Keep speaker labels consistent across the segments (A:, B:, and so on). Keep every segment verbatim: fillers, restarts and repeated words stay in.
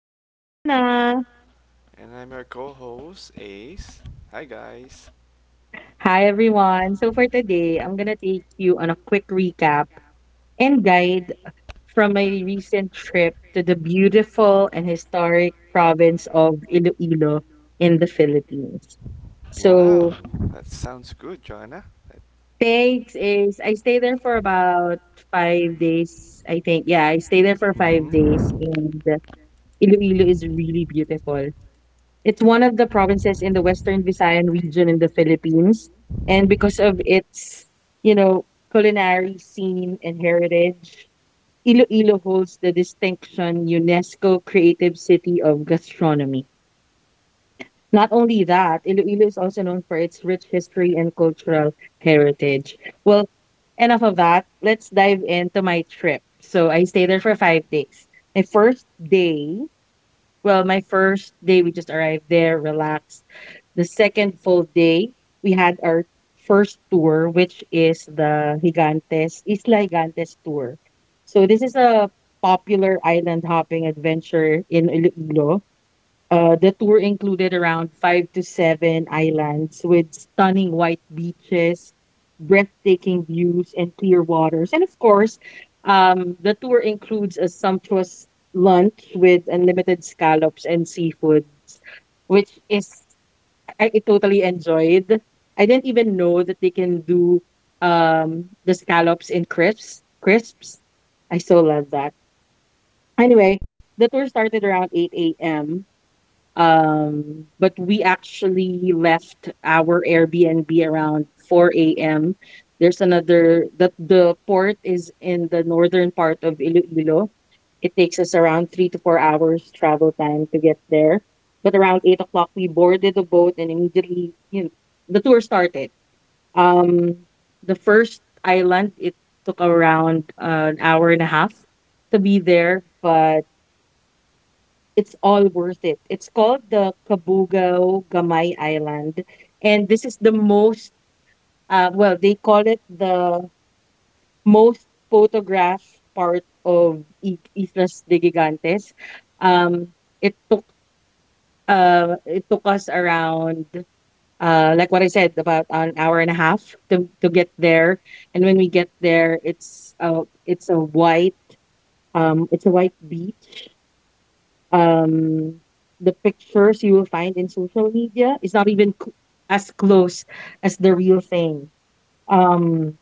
A: I'm Jonah.
B: And I'm your co host, Ace. Hi, guys.
A: Hi, everyone. So, for today, I'm going to take you on a quick recap and guide from my recent trip to the beautiful and historic province of Iloilo in the Philippines. So,
B: Wow, that sounds good, Joanna. That-
A: thanks is I stayed there for about five days, I think. Yeah, I stayed there for five days, and Iloilo is really beautiful. It's one of the provinces in the Western Visayan region in the Philippines. And because of its, you know, culinary scene and heritage, Iloilo holds the distinction UNESCO Creative City of Gastronomy. Not only that, Iloilo is also known for its rich history and cultural heritage. Well, enough of that. Let's dive into my trip. So I stayed there for five days. My first day, well, my first day, we just arrived there, relaxed the second full day, we had our first tour, which is the Gigantes Isla Gigantes tour. So this is a popular island hopping adventure in Iloilo. Uh, the tour included around five to seven islands with stunning white beaches, breathtaking views, and clear waters. And of course, um, the tour includes a sumptuous lunch with unlimited scallops and seafoods, which is I totally enjoyed. I didn't even know that they can do um the scallops in crisps. Crisps. I so love that. Anyway, the tour started around eight a m. Um, but we actually left our Airbnb around four a m. There's another that the port is in the northern part of Iloilo. It takes us around three to four hours travel time to get there. But around eight o'clock, we boarded the boat and immediately, you know, the tour started. Um, the first island, it took around uh, an hour and a half to be there, but it's all worth it. It's called the Kabugao Gamay Island. And this is the most, uh, well, they call it the most photographed part of I- Islas de Gigantes. Um, it took uh, it took us around, uh, like what I said, about an hour and a half to, to get there. And when we get there, it's uh, it's a white um, it's a white beach. um the pictures you will find in social media is not even cl- as close as the real thing. um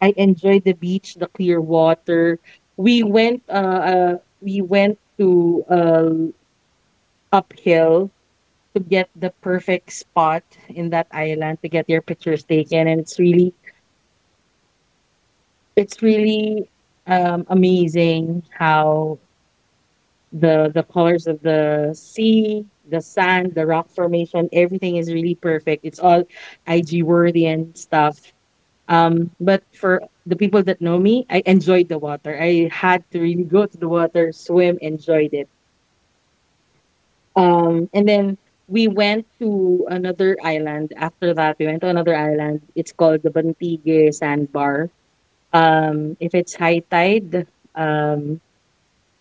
A: I enjoyed the beach, the clear water. we went uh, uh we went to uh uphill to get the perfect spot in that island to get your pictures taken, and it's really, it's really, um amazing how the the colors of the sea, the sand, the rock formation, everything is really perfect. It's all I G worthy and stuff. Um, but for the people that know me, I enjoyed the water. I had to really go to the water, swim, enjoyed it. Um, and then we went to another island. After that, we went to another island. It's called the Bantige Sandbar. Um, if it's high tide, um,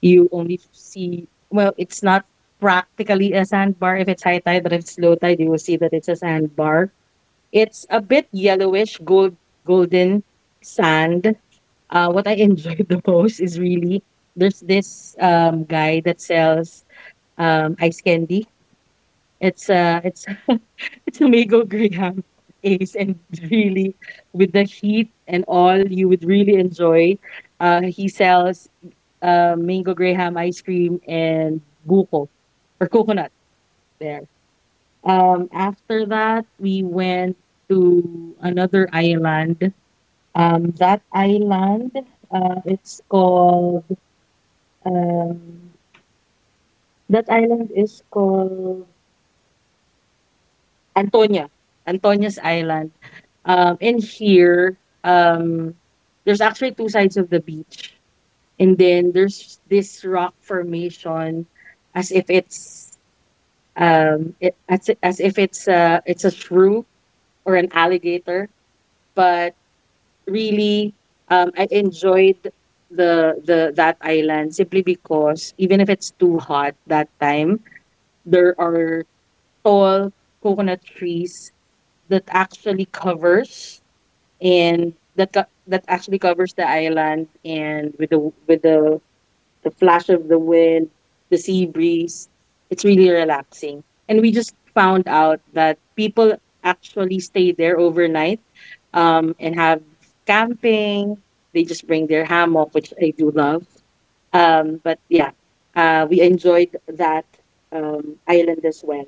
A: you only see, well, it's not practically a sandbar if it's high tide, but if it's low tide, you will see that it's a sandbar. It's a bit yellowish, gold, golden sand. Uh, what I enjoyed the most is really there's this um guy that sells um ice candy. It's uh it's it's Amigo Graham, Ace, and really, with the heat and all, you would really enjoy. Uh he sells uh mango Graham ice cream and buko or coconut there. Um after that we went to another island. Um that island uh it's called, um that island is called Antonia, Antonia's Island. Um, in here, um, there's actually two sides of the beach, and then there's this rock formation, as if it's, um, it, as i- as if it's a it's a shrew or an alligator. But really, um, I enjoyed the the that island simply because even if it's too hot that time, there are tall coconut trees that actually covers and that co- that actually covers the island, and with the with the the flash of the wind, the sea breeze. It's really relaxing. And we just found out that people actually stay there overnight um and have camping. They just bring their hammock, which I do love. Um but yeah, uh we enjoyed that um island as well.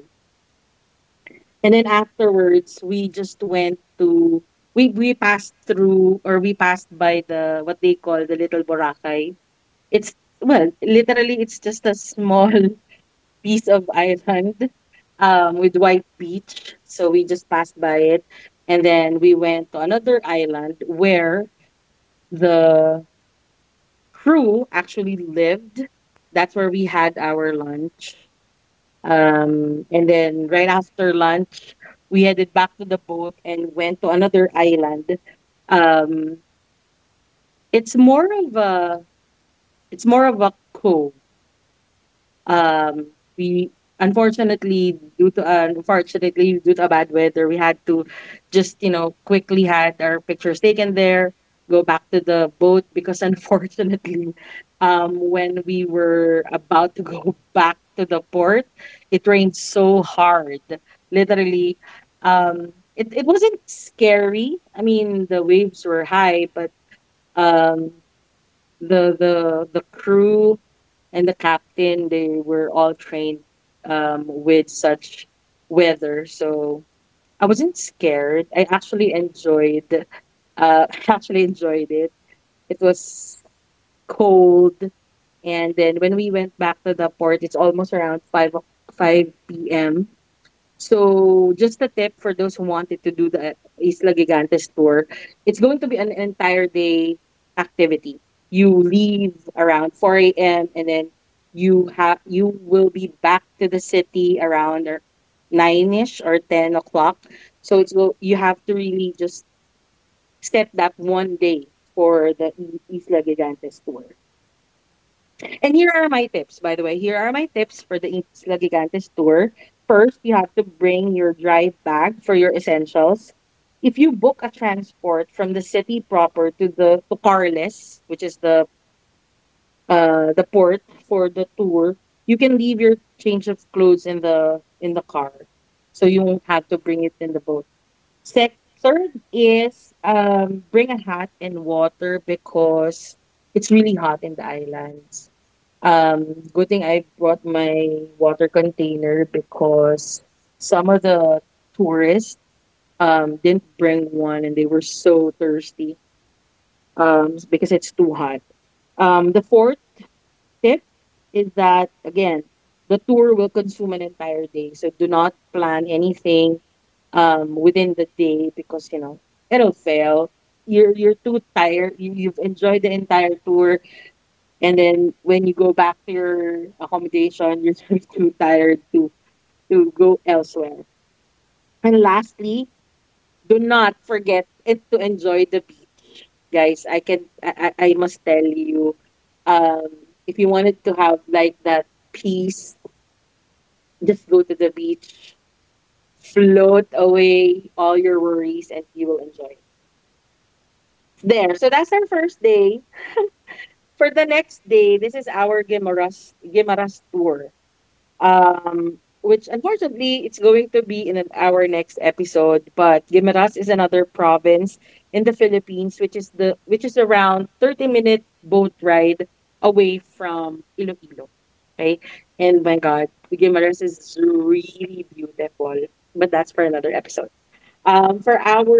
A: And then afterwards, we just went to, we we passed through or we passed by the what they call the Little Boracay. It's, well, literally it's just a small piece of island um with white beach. So we just passed by it, and then we went to another island where the crew actually lived. That's where we had our lunch. Um, and then right after lunch, we headed back to the boat and went to another island. Um, it's more of a, it's more of a cove. Um we Unfortunately, due to uh, unfortunately due to bad weather, we had to just, you know quickly had our pictures taken there, go back to the boat because unfortunately, um when we were about to go back to the port, it rained so hard, literally. Um it, it wasn't scary, I mean the waves were high, but um the the the crew and the captain, they were all trained um with such weather. So I wasn't scared, I actually enjoyed, uh actually enjoyed it. It was cold. And then when we went back to the port, it's almost around five o- five p.m. So just a tip for those who wanted to do the Isla Gigantes tour, it's going to be an entire day activity. You leave around four a m and then you have you will be back to the city around or- nineish or ten o'clock. So it's go you have to really just set that one day for the I- Isla Gigantes tour. And here are my tips, by the way. Here are my tips for the Isla Gigantes tour. First, you have to bring your dry bag for your essentials. If you book a transport from the city proper to the to Carles, which is the uh the port for the tour, you can leave your change of clothes in the in the car, so you won't have to bring it in the boat. Sec- Third is um bring a hat and water because it's really hot in the islands. Um, Good thing I brought my water container because some of the tourists um didn't bring one and they were so thirsty um because it's too hot. Um, the fourth tip is that, again, the tour will consume an entire day, so do not plan anything um within the day because, you know, it'll fail. You're you're too tired. You, you've enjoyed the entire tour, and then when you go back to your accommodation, you're just too tired to to go elsewhere. And lastly, do not forget it to enjoy the beach. Guys, I can I, I I must tell you, um, if you wanted to have like that peace, just go to the beach, float away all your worries, and you will enjoy it. There. So that's our first day. For the next day, this is our Gimaras Gimaras tour. Um, which, unfortunately, it's going to be in an- our next episode. But Guimaras is another province in the Philippines, which is the which is around thirty minute boat ride away from Iloilo. Right? And my God, Guimaras is really beautiful. But that's for another episode. Um, for our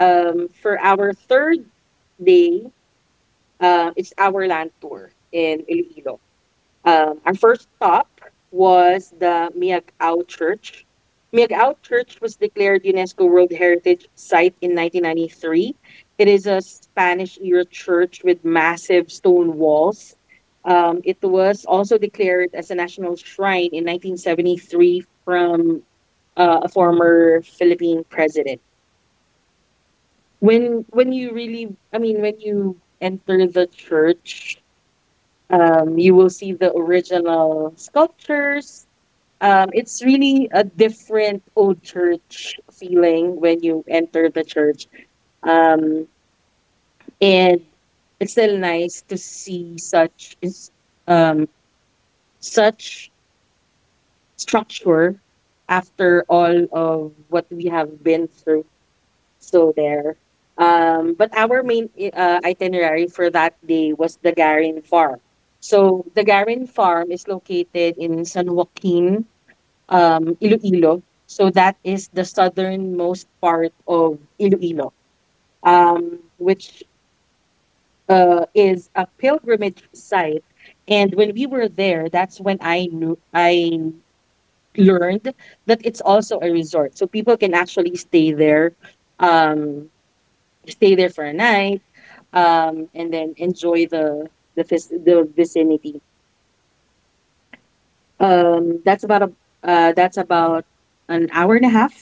A: um for our third day, uh, it's our land tour in Iloilo. Um, our first stop was the Miagao Church. Miagao Church was declared UNESCO World Heritage Site in nineteen ninety-three. It is a Spanish era church with massive stone walls. Um, it was also declared as a national shrine in nineteen seventy-three from uh, a former Philippine president. When when you really, I mean, when you enter the church, um, you will see the original sculptures. Um, it's really a different old church feeling when you enter the church. Um, and It's still nice to see such is um such structure after all of what we have been through. So there. Um, but our main i- uh, itinerary for that day was the Garin Farm. So the Garin Farm is located in San Joaquin, um, Iloilo. So that is the southernmost part of Iloilo, um, which uh, is a pilgrimage site. And when we were there, that's when I knew I learned that it's also a resort. So people can actually stay there, um, stay there for a night, um, and then enjoy the the vis- the vicinity. Um, that's about a uh, that's about an hour and a half,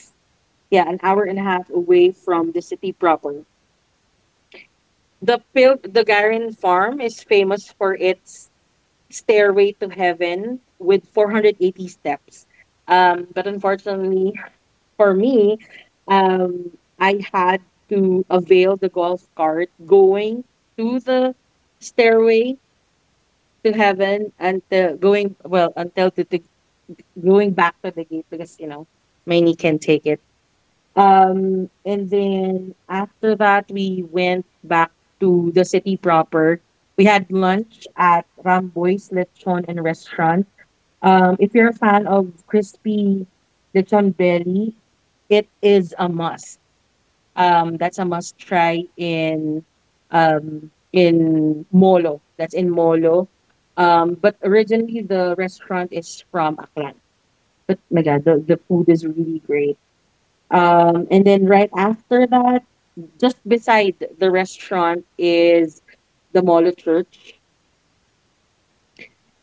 A: yeah, an hour and a half away from the city proper. The Pil- the Garin farm is famous for its stairway to heaven with four hundred eighty steps. Um, but unfortunately for me, um, I had to avail the golf cart going to the stairway to heaven until going well until to, to going back to the gate because you know my knee can't take it. Um, and then after that, we went back to the city proper. We had lunch at Ramboy's Lechon and Restaurant. Um, if you're a fan of crispy lechon belly, it is a must. Um, that's a must try in um in Molo. That's in Molo. Um, but originally the restaurant is from Aklan. But my God, the, the food is really great. Um, and then right after that, just beside the restaurant is the Molo Church.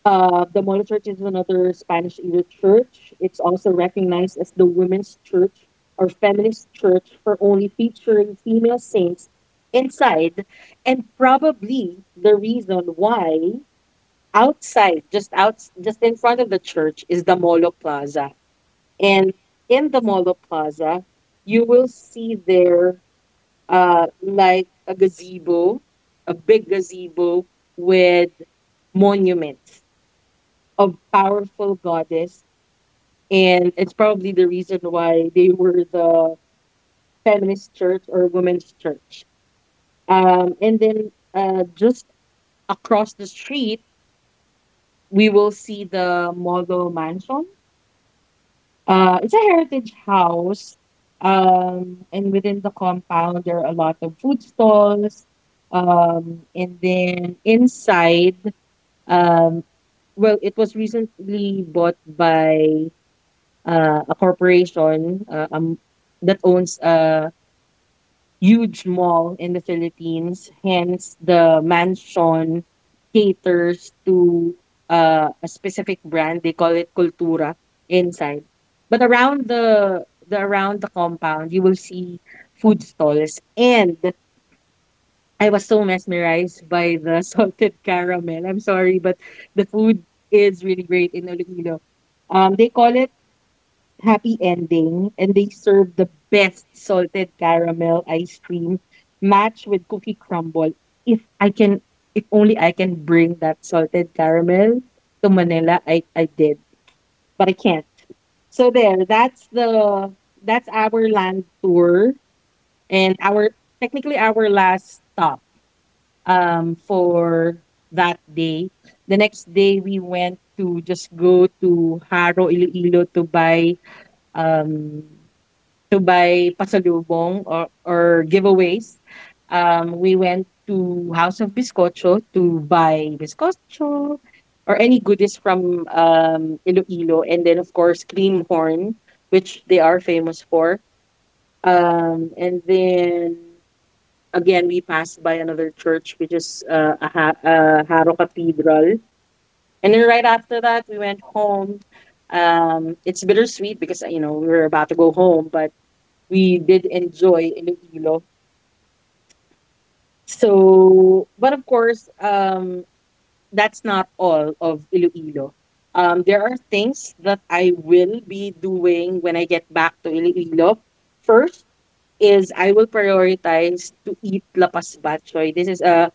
A: Uh, the Molo Church is another Spanish era church. It's also recognized as the women's church or feminist church for only featuring female saints inside, and probably the reason why outside, just out, just in front of the church, is the Molo Plaza. And in the Molo Plaza, you will see there uh, like a gazebo, a big gazebo with monuments of powerful goddess, and it's probably the reason why they were the feminist church or women's church. Um, and then uh, just across the street, we will see the model mansion. Uh, it's a heritage house. Um, and within the compound, there are a lot of food stalls. Um, and then inside, um, well, it was recently bought by uh, a corporation uh, um, that owns uh, huge mall in the Philippines. Hence, the mansion caters to uh, a specific brand. They call it Cultura inside. But around the the around the compound, you will see food stalls. And I was so mesmerized by the salted caramel. I'm sorry, but the food is really great in Iloilo. Um, they call it happy ending and they serve the best salted caramel ice cream matched with cookie crumble. If I can if only I can bring that salted caramel to Manila, I, I did. But I can't. So there, that's the that's our land tour and our technically our last stop um for that day. The next day we went to just go to Haro Iloilo to buy um to buy pasalubong or or giveaways. Um, we went to House of Biscocho to buy biscocho or any goodies from um, Iloilo, and then of course Creamhorn, which they are famous for. Um, and then again, we passed by another church, which is uh, a ha- uh, Haro Cathedral. And then right after that, we went home. Um, it's bittersweet because uh, you know we were about to go home, but we did enjoy Iloilo. So, but of course, um, that's not all of Iloilo. Um, there are things that I will be doing when I get back to Iloilo. First is I will prioritize to eat lapas batchoy. This is a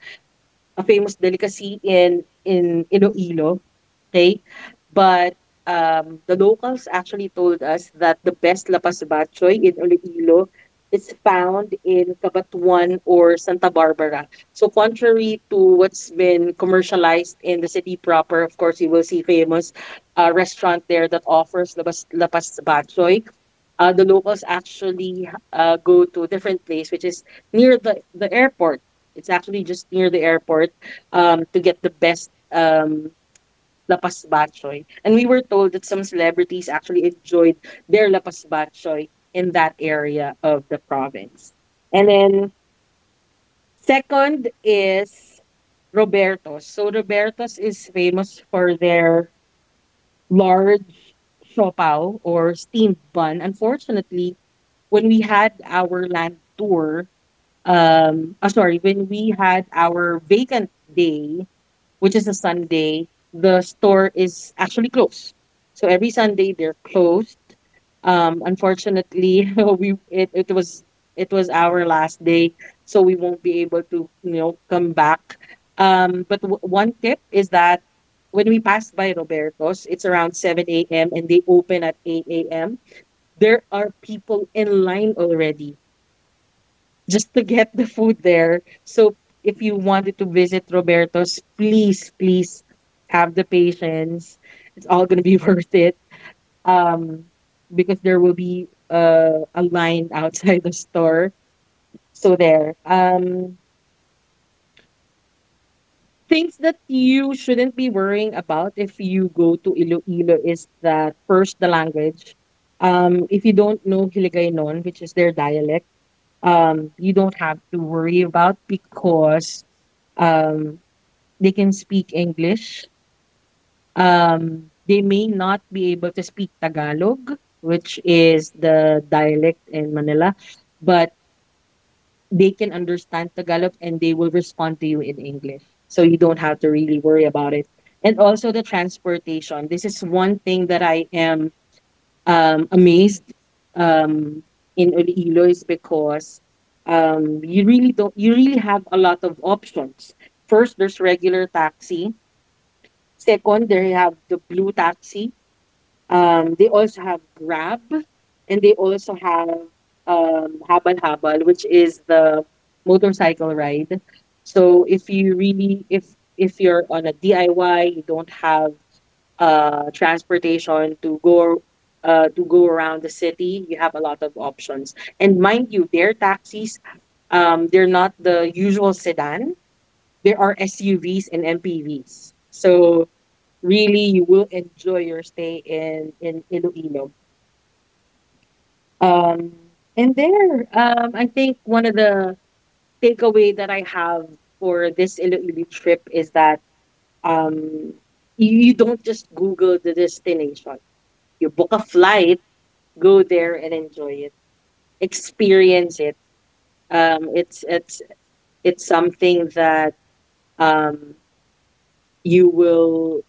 A: a famous delicacy in in Iloilo, okay? But um, the locals actually told us that the best lapas batchoy in Iloilo is found in Cabatuan or Santa Barbara. So contrary to what's been commercialized in the city proper, of course, you will see famous uh, restaurant there that offers lapas lapas batchoy. Uh, the locals actually uh, go to a different place, which is near the, the airport. It's actually just near the airport um, to get the best um, lapas batchoy. And we were told that some celebrities actually enjoyed their lapas batchoy in that area of the province. And then second is Roberto's. So Roberto's is famous for their large siopaw or steamed bun. Unfortunately, when we had our land tour, um, ah, sorry, when we had our vacant day, which is a Sunday, the store is actually closed. So every Sunday they're closed. Um, unfortunately, we it, it was it was our last day, so we won't be able to you know come back. Um, but w- one tip is that when we passed by Roberto's, it's around seven a m and they open at eight a m. There are people in line already just to get the food there. So if you wanted to visit Roberto's, please, please have the patience. It's all gonna be worth it. Um, because there will be uh, a line outside the store. So there. Um, things that you shouldn't be worrying about if you go to Iloilo is that first the language. Um, if you don't know Hiligaynon, which is their dialect, um, you don't have to worry about because um they can speak English. Um, they may not be able to speak Tagalog, which is the dialect in Manila, but they can understand Tagalog and they will respond to you in English. So you don't have to really worry about it. And also the transportation. This is one thing that I am um, amazed um, in Iloilo is because um, you really don't you really have a lot of options. First, there's regular taxi. Second, they have the Blue Taxi. Um, they also have Grab, and they also have um, Habal Habal, which is the motorcycle ride. So if you really, if if you're on a D I Y, you don't have uh transportation to go uh to go around the city, you have a lot of options. And mind you, their taxis, um, they're not the usual sedan. There are S U Vs and M P Vs. So really you will enjoy your stay in in Iloilo. Um, and there, um, I think one of the takeaway that I have for this Iloilo trip is that um, you, you don't just Google the destination. You book a flight, go there and enjoy it, experience it. Um, it's it's it's something that um, you will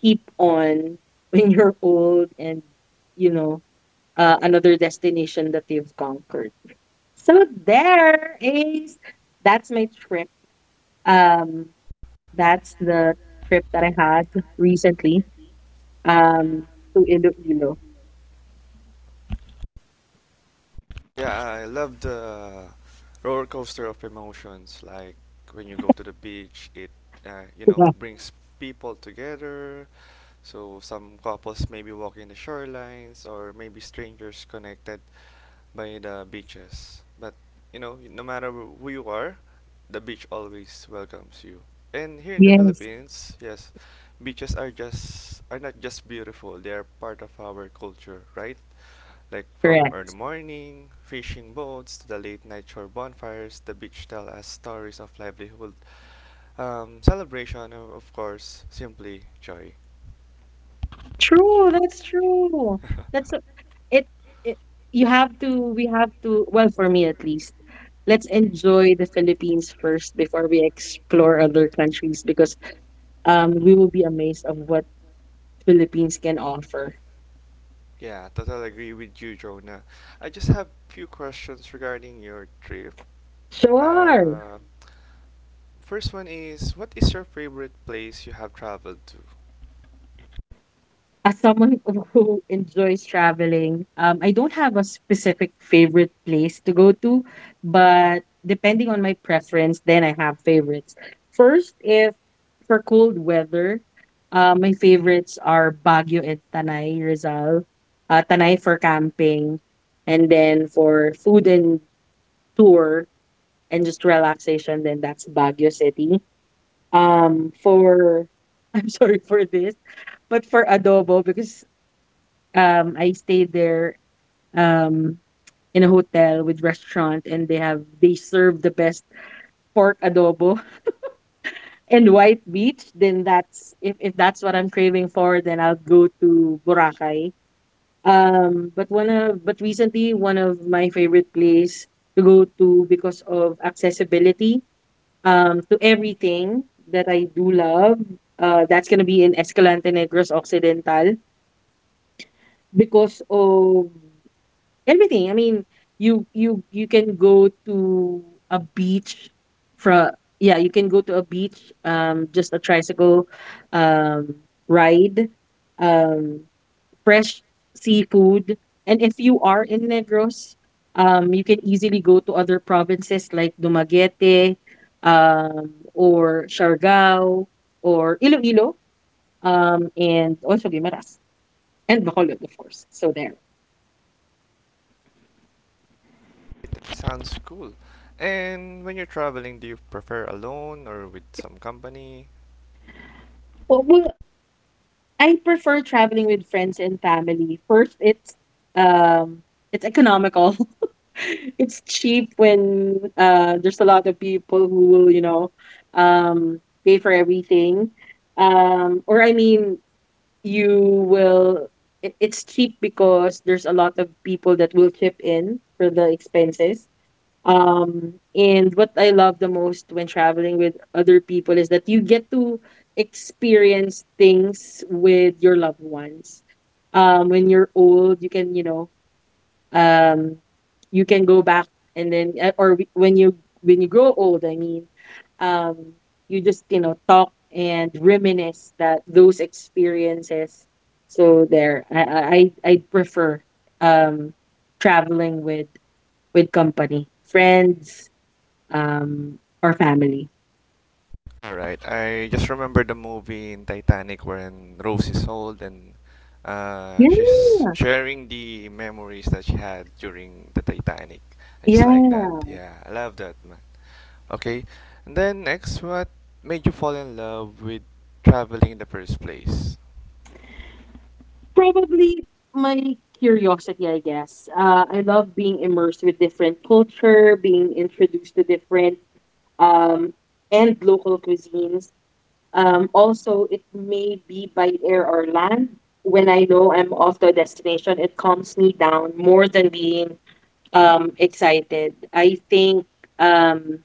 A: keep on when you're old and you know uh, another destination that you've conquered. So there is that's my trip. Um, that's the trip that I had recently um, to Iloilo.
B: Yeah, I love the roller coaster of emotions. Like when you go to the beach, it uh, you know
A: Yeah.
B: brings people together. So some couples maybe walking the shorelines, or maybe strangers connected by the beaches. But you know, no matter who you are, the beach always welcomes you. And here in the
A: Yes,
B: Philippines, yes, beaches are just are not just beautiful. They are part of our culture, right? Like from early
A: correct.
B: morning, fishing boats, to the late night shore bonfires, the beach tell us stories of livelihood, um, celebration, and of course, simply joy. True, that's Y-
A: True,
B: true.
A: that's true.
B: That's what it.
A: That's a- it, it. You have
B: You
A: to.
B: have to.
A: We have
B: We
A: to.
B: have to.
A: Well, for
B: Well,
A: me at
B: for me at
A: least,
B: least.
A: let's enjoy the Philippines first before we explore other countries because um, we will be amazed of what Philippines can offer.
B: Yeah, totally agree with you, Jonah. I just have few questions regarding your trip. Uh,
A: Sure.
B: Sure. First one is, what is your favorite place you have traveled to?
A: As someone who enjoys traveling, um, I don't have a specific favorite place to go to, but depending on my preference, then I have favorites. First, if for cold weather, uh, my favorites are Baguio and Tanay, Rizal. Uh, Tanay for camping, and then for food and tour and just relaxation, then that's Baguio City. Um, for I'm sorry for this, but for adobo because, um, I stayed there, um, in a hotel with restaurant and they have they serve the best pork adobo and white meat, then that's if if that's what I'm craving for, then I'll go to Boracay. Um, but one of but recently one of my favorite place to go to because of accessibility um, to everything that I do love. Uh, that's gonna be in Escalante Negros Occidental because of everything. I mean, you you you can go to a beach from yeah, you can go to a beach, um, just a tricycle um ride. Um Fresh seafood. And if you are in Negros, um, you can easily go to other provinces like Dumaguete, um, or Siargao, or Iloilo, um, and also Guimaras and Bacolod, of course. So there.
B: That sounds cool. And when you're traveling, do you prefer alone or with some company?
A: Well, well, I prefer traveling with friends and family. First, it's um it's economical. It's cheap when uh there's a lot of people who will, you know, um pay for everything. Um or I mean you will it, it's cheap because there's a lot of people that will chip in for the expenses. Um, and what I love the most when traveling with other people is that you get to experience things with your loved ones. Um, when you're old, you can, you know, um, you can go back and then, uh, or w- when you when you grow old, I mean, um, you just, you know, talk and reminisce that those experiences. So there, I I I I prefer um traveling with with company, friends um, or family.
B: Alright, I just remember the movie in Titanic when Rose is old and uh,
A: Yeah.
B: she's sharing the memories that she had during the Titanic. I just
A: Yeah,
B: like that. Yeah, I love that, man. Okay, and then next, what made you fall in love with traveling in the first place?
A: probably my curiosity, I guess. Uh, I love being immersed with different culture, being introduced to different um, and local cuisines. Um, also, it may be by air or land. When I know I'm off to a destination, it calms me down more than being um, excited. I think um,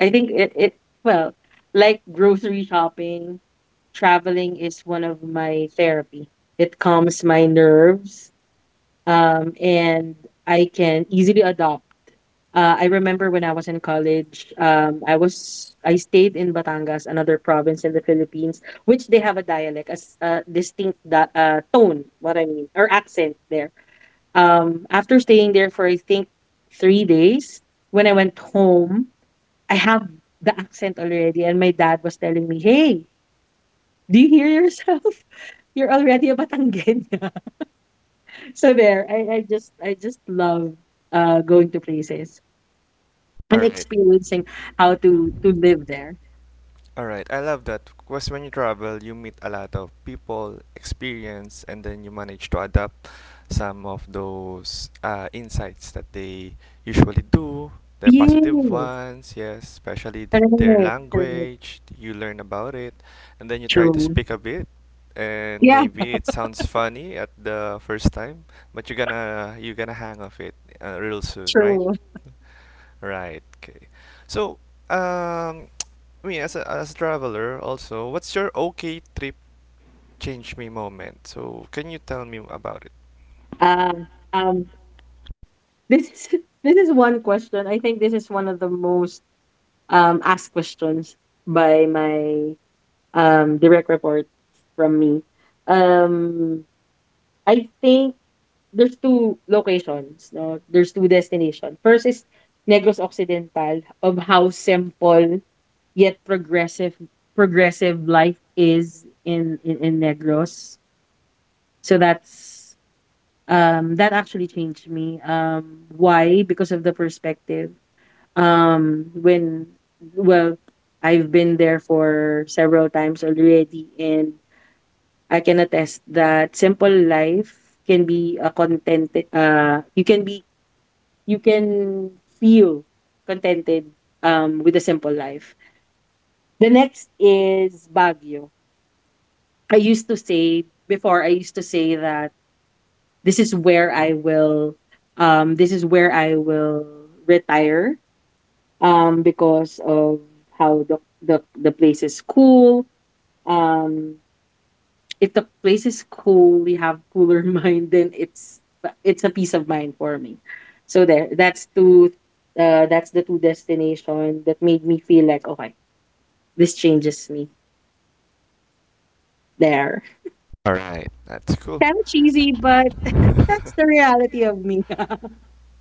A: I think it it well, like grocery shopping, traveling is one of my therapy. It calms my nerves, um, and I can easily adopt. Uh, I remember when I was in college, um, I was I stayed in Batangas, another province in the Philippines, which they have a dialect, as a distinct da- uh, tone. What I mean, or accent there. Um, after staying there for I think three days, when I went home, I have the accent already and my dad was telling me, "Hey, do you hear yourself? You're already a Batanguena." So there, I, I just I just love uh going to places
B: All
A: and
B: right.
A: experiencing how to to live there.
B: All right. I love that because when you travel, you meet a lot of people, experience, and then you manage to adapt some of those uh, insights that they usually do. The positive
A: Yes,
B: ones, yes, especially th- their
A: correct, correct,
B: language. You learn about it, and then you try to
A: true.
B: speak a bit. And
A: Yeah,
B: maybe it sounds funny at the first time, but you're gonna you're gonna hang off it uh, real soon, right?
A: true.
B: Right. Okay. So, um, I as a, as a traveler, also, what's your okay trip change me moment? So, can you tell me about it?
A: Um, um, this is this is one question. I think this is one of the most um asked questions by my um, direct reports from me. Um, I think there's two locations, no? There's two destinations. First is Negros Occidental of how simple yet progressive progressive life is in in, in Negros. So that's um that actually changed me. Um, why? Because of the perspective. Um when well I've been there for several times already, and I can attest that simple life can be a contented uh you can be you can feel contented um with a simple life. The next is Baguio. I used to say before I used to say that this is where I will um this is where I will retire um because of how the the, the place is cool. um if the place is cool, you have cooler mind, then it's it's a peace of mind for me. So there, that's two. Uh, that's the two destination that made me feel like, okay, this changes me. There,
B: All right, that's cool.
A: kind of cheesy, but that's the reality of me.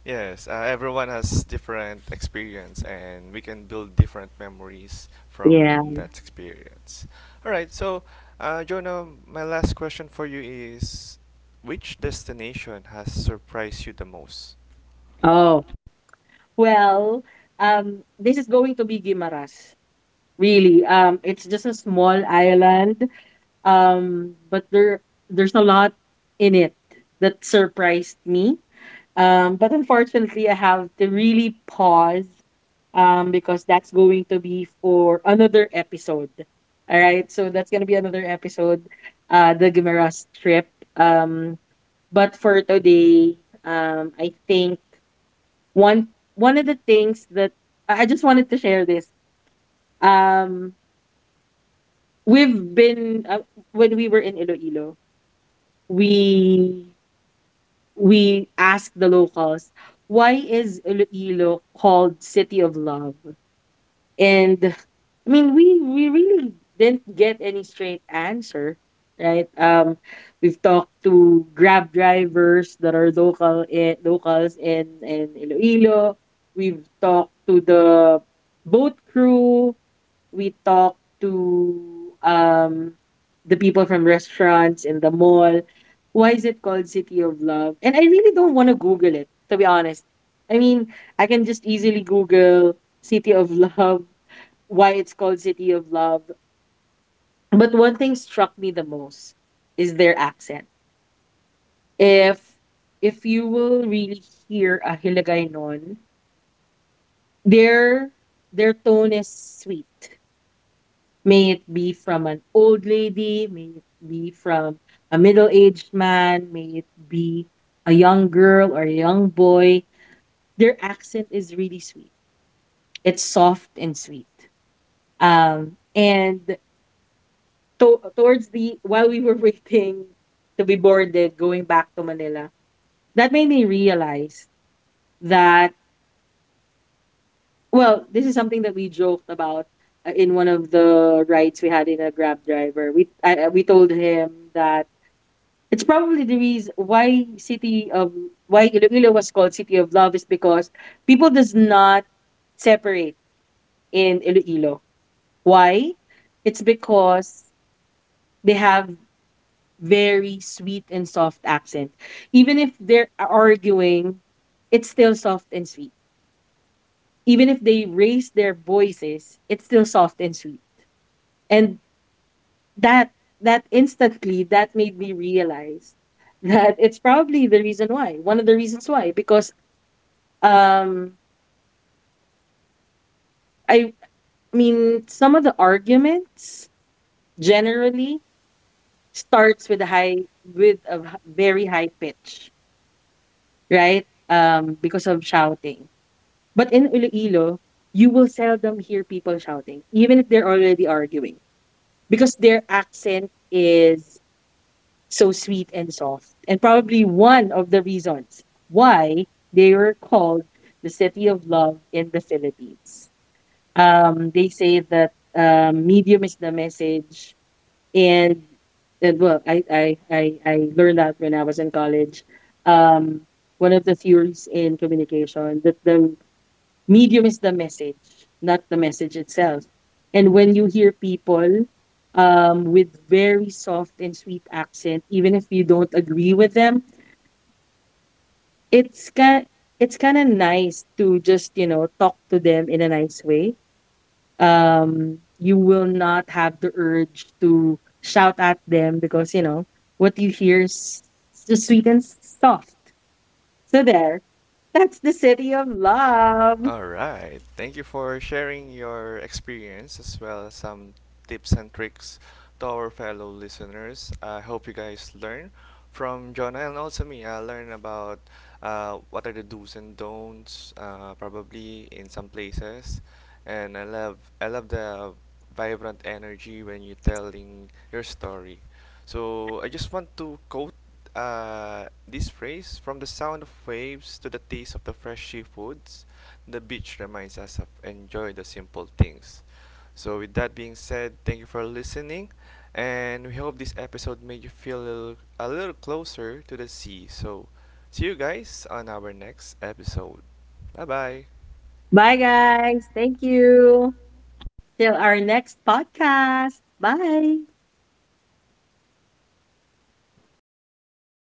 B: Yes, uh, everyone has different experience and we can build different memories
A: Yeah.
B: from that experience. All right, so uh, Jonah, my last question for you is which destination has surprised you the most?
A: Oh, well, um, this is going to be Guimaras. Really, um, it's just a small island. Um, but there there's a lot in it that surprised me. Um, but unfortunately, I have to really pause um, because that's going to be for another episode. All right, so that's gonna be another episode, uh, the Guimaras trip. Um, but for today, um, I think one one of the things that I I just wanted to share this. Um, we've been uh, When we were in Iloilo, we we ask the locals, why is Iloilo called City of Love? And I mean, we we really didn't get any straight answer, right? Um we've talked to grab drivers that are local in, locals in in Iloilo. We've talked to the boat crew, we talk to um the people from restaurants in the mall. Why is it called City of Love? And I really don't want to Google it, to be honest. I mean, I can just easily Google City of Love, why it's called City of Love. But one thing struck me the most is their accent. If if you will really hear a Hiligaynon, their their tone is sweet. May it be from an old lady, may it be from a middle aged man, may it be a young girl or a young boy. Their accent is really sweet. It's soft and sweet. Um, and to- towards the while we were waiting to be boarded going back to Manila, that made me realize that well, this is something that we joked about uh, in one of the rides we had in a Grab driver. We I, I- we told him that it's probably the reason why city of why Iloilo was called City of Love is because people does not separate in Iloilo. Why? It's because they have very sweet and soft accent. Even if they're arguing, it's still soft and sweet. Even if they raise their voices, it's still soft and sweet. And that that instantly that made me realize that it's probably the reason why. One of the reasons why because Um, I mean, some of the arguments generally starts with a high with a h- very high pitch, right? Um, because of shouting. But in Iloilo, you will seldom hear people shouting, even if they're already arguing, because their accent is so sweet and soft, and probably one of the reasons why they were called the city of love in the Philippines. Um, they say that um, medium is the message, and that well, I, I I I learned that when I was in college. Um, One of the theories in communication that the medium is the message, not the message itself. And when you hear people um, with very soft and sweet accent, even if you don't agree with them, it's kind it's kind of nice to just you know talk to them in a nice way. Um, you will not have the urge to shout at them because you know what you hear is just sweet and soft. So there, that's the city of love.
B: All right. Thank you for sharing your experience as well as some tips and tricks to our fellow listeners. I hope you guys learn from Jonah and also me. I learn about uh, what are the do's and don'ts, uh, probably in some places. And I love I love the vibrant energy when you're telling your story. So I just want to quote uh, this phrase: from the sound of waves to the taste of the fresh seafoods, the beach reminds us of enjoy the simple things. So with that being said, thank you for listening and we hope this episode made you feel a little, a little closer to the sea. So see you guys on our next episode. Bye bye.
A: Bye guys, thank you, till our next podcast, bye.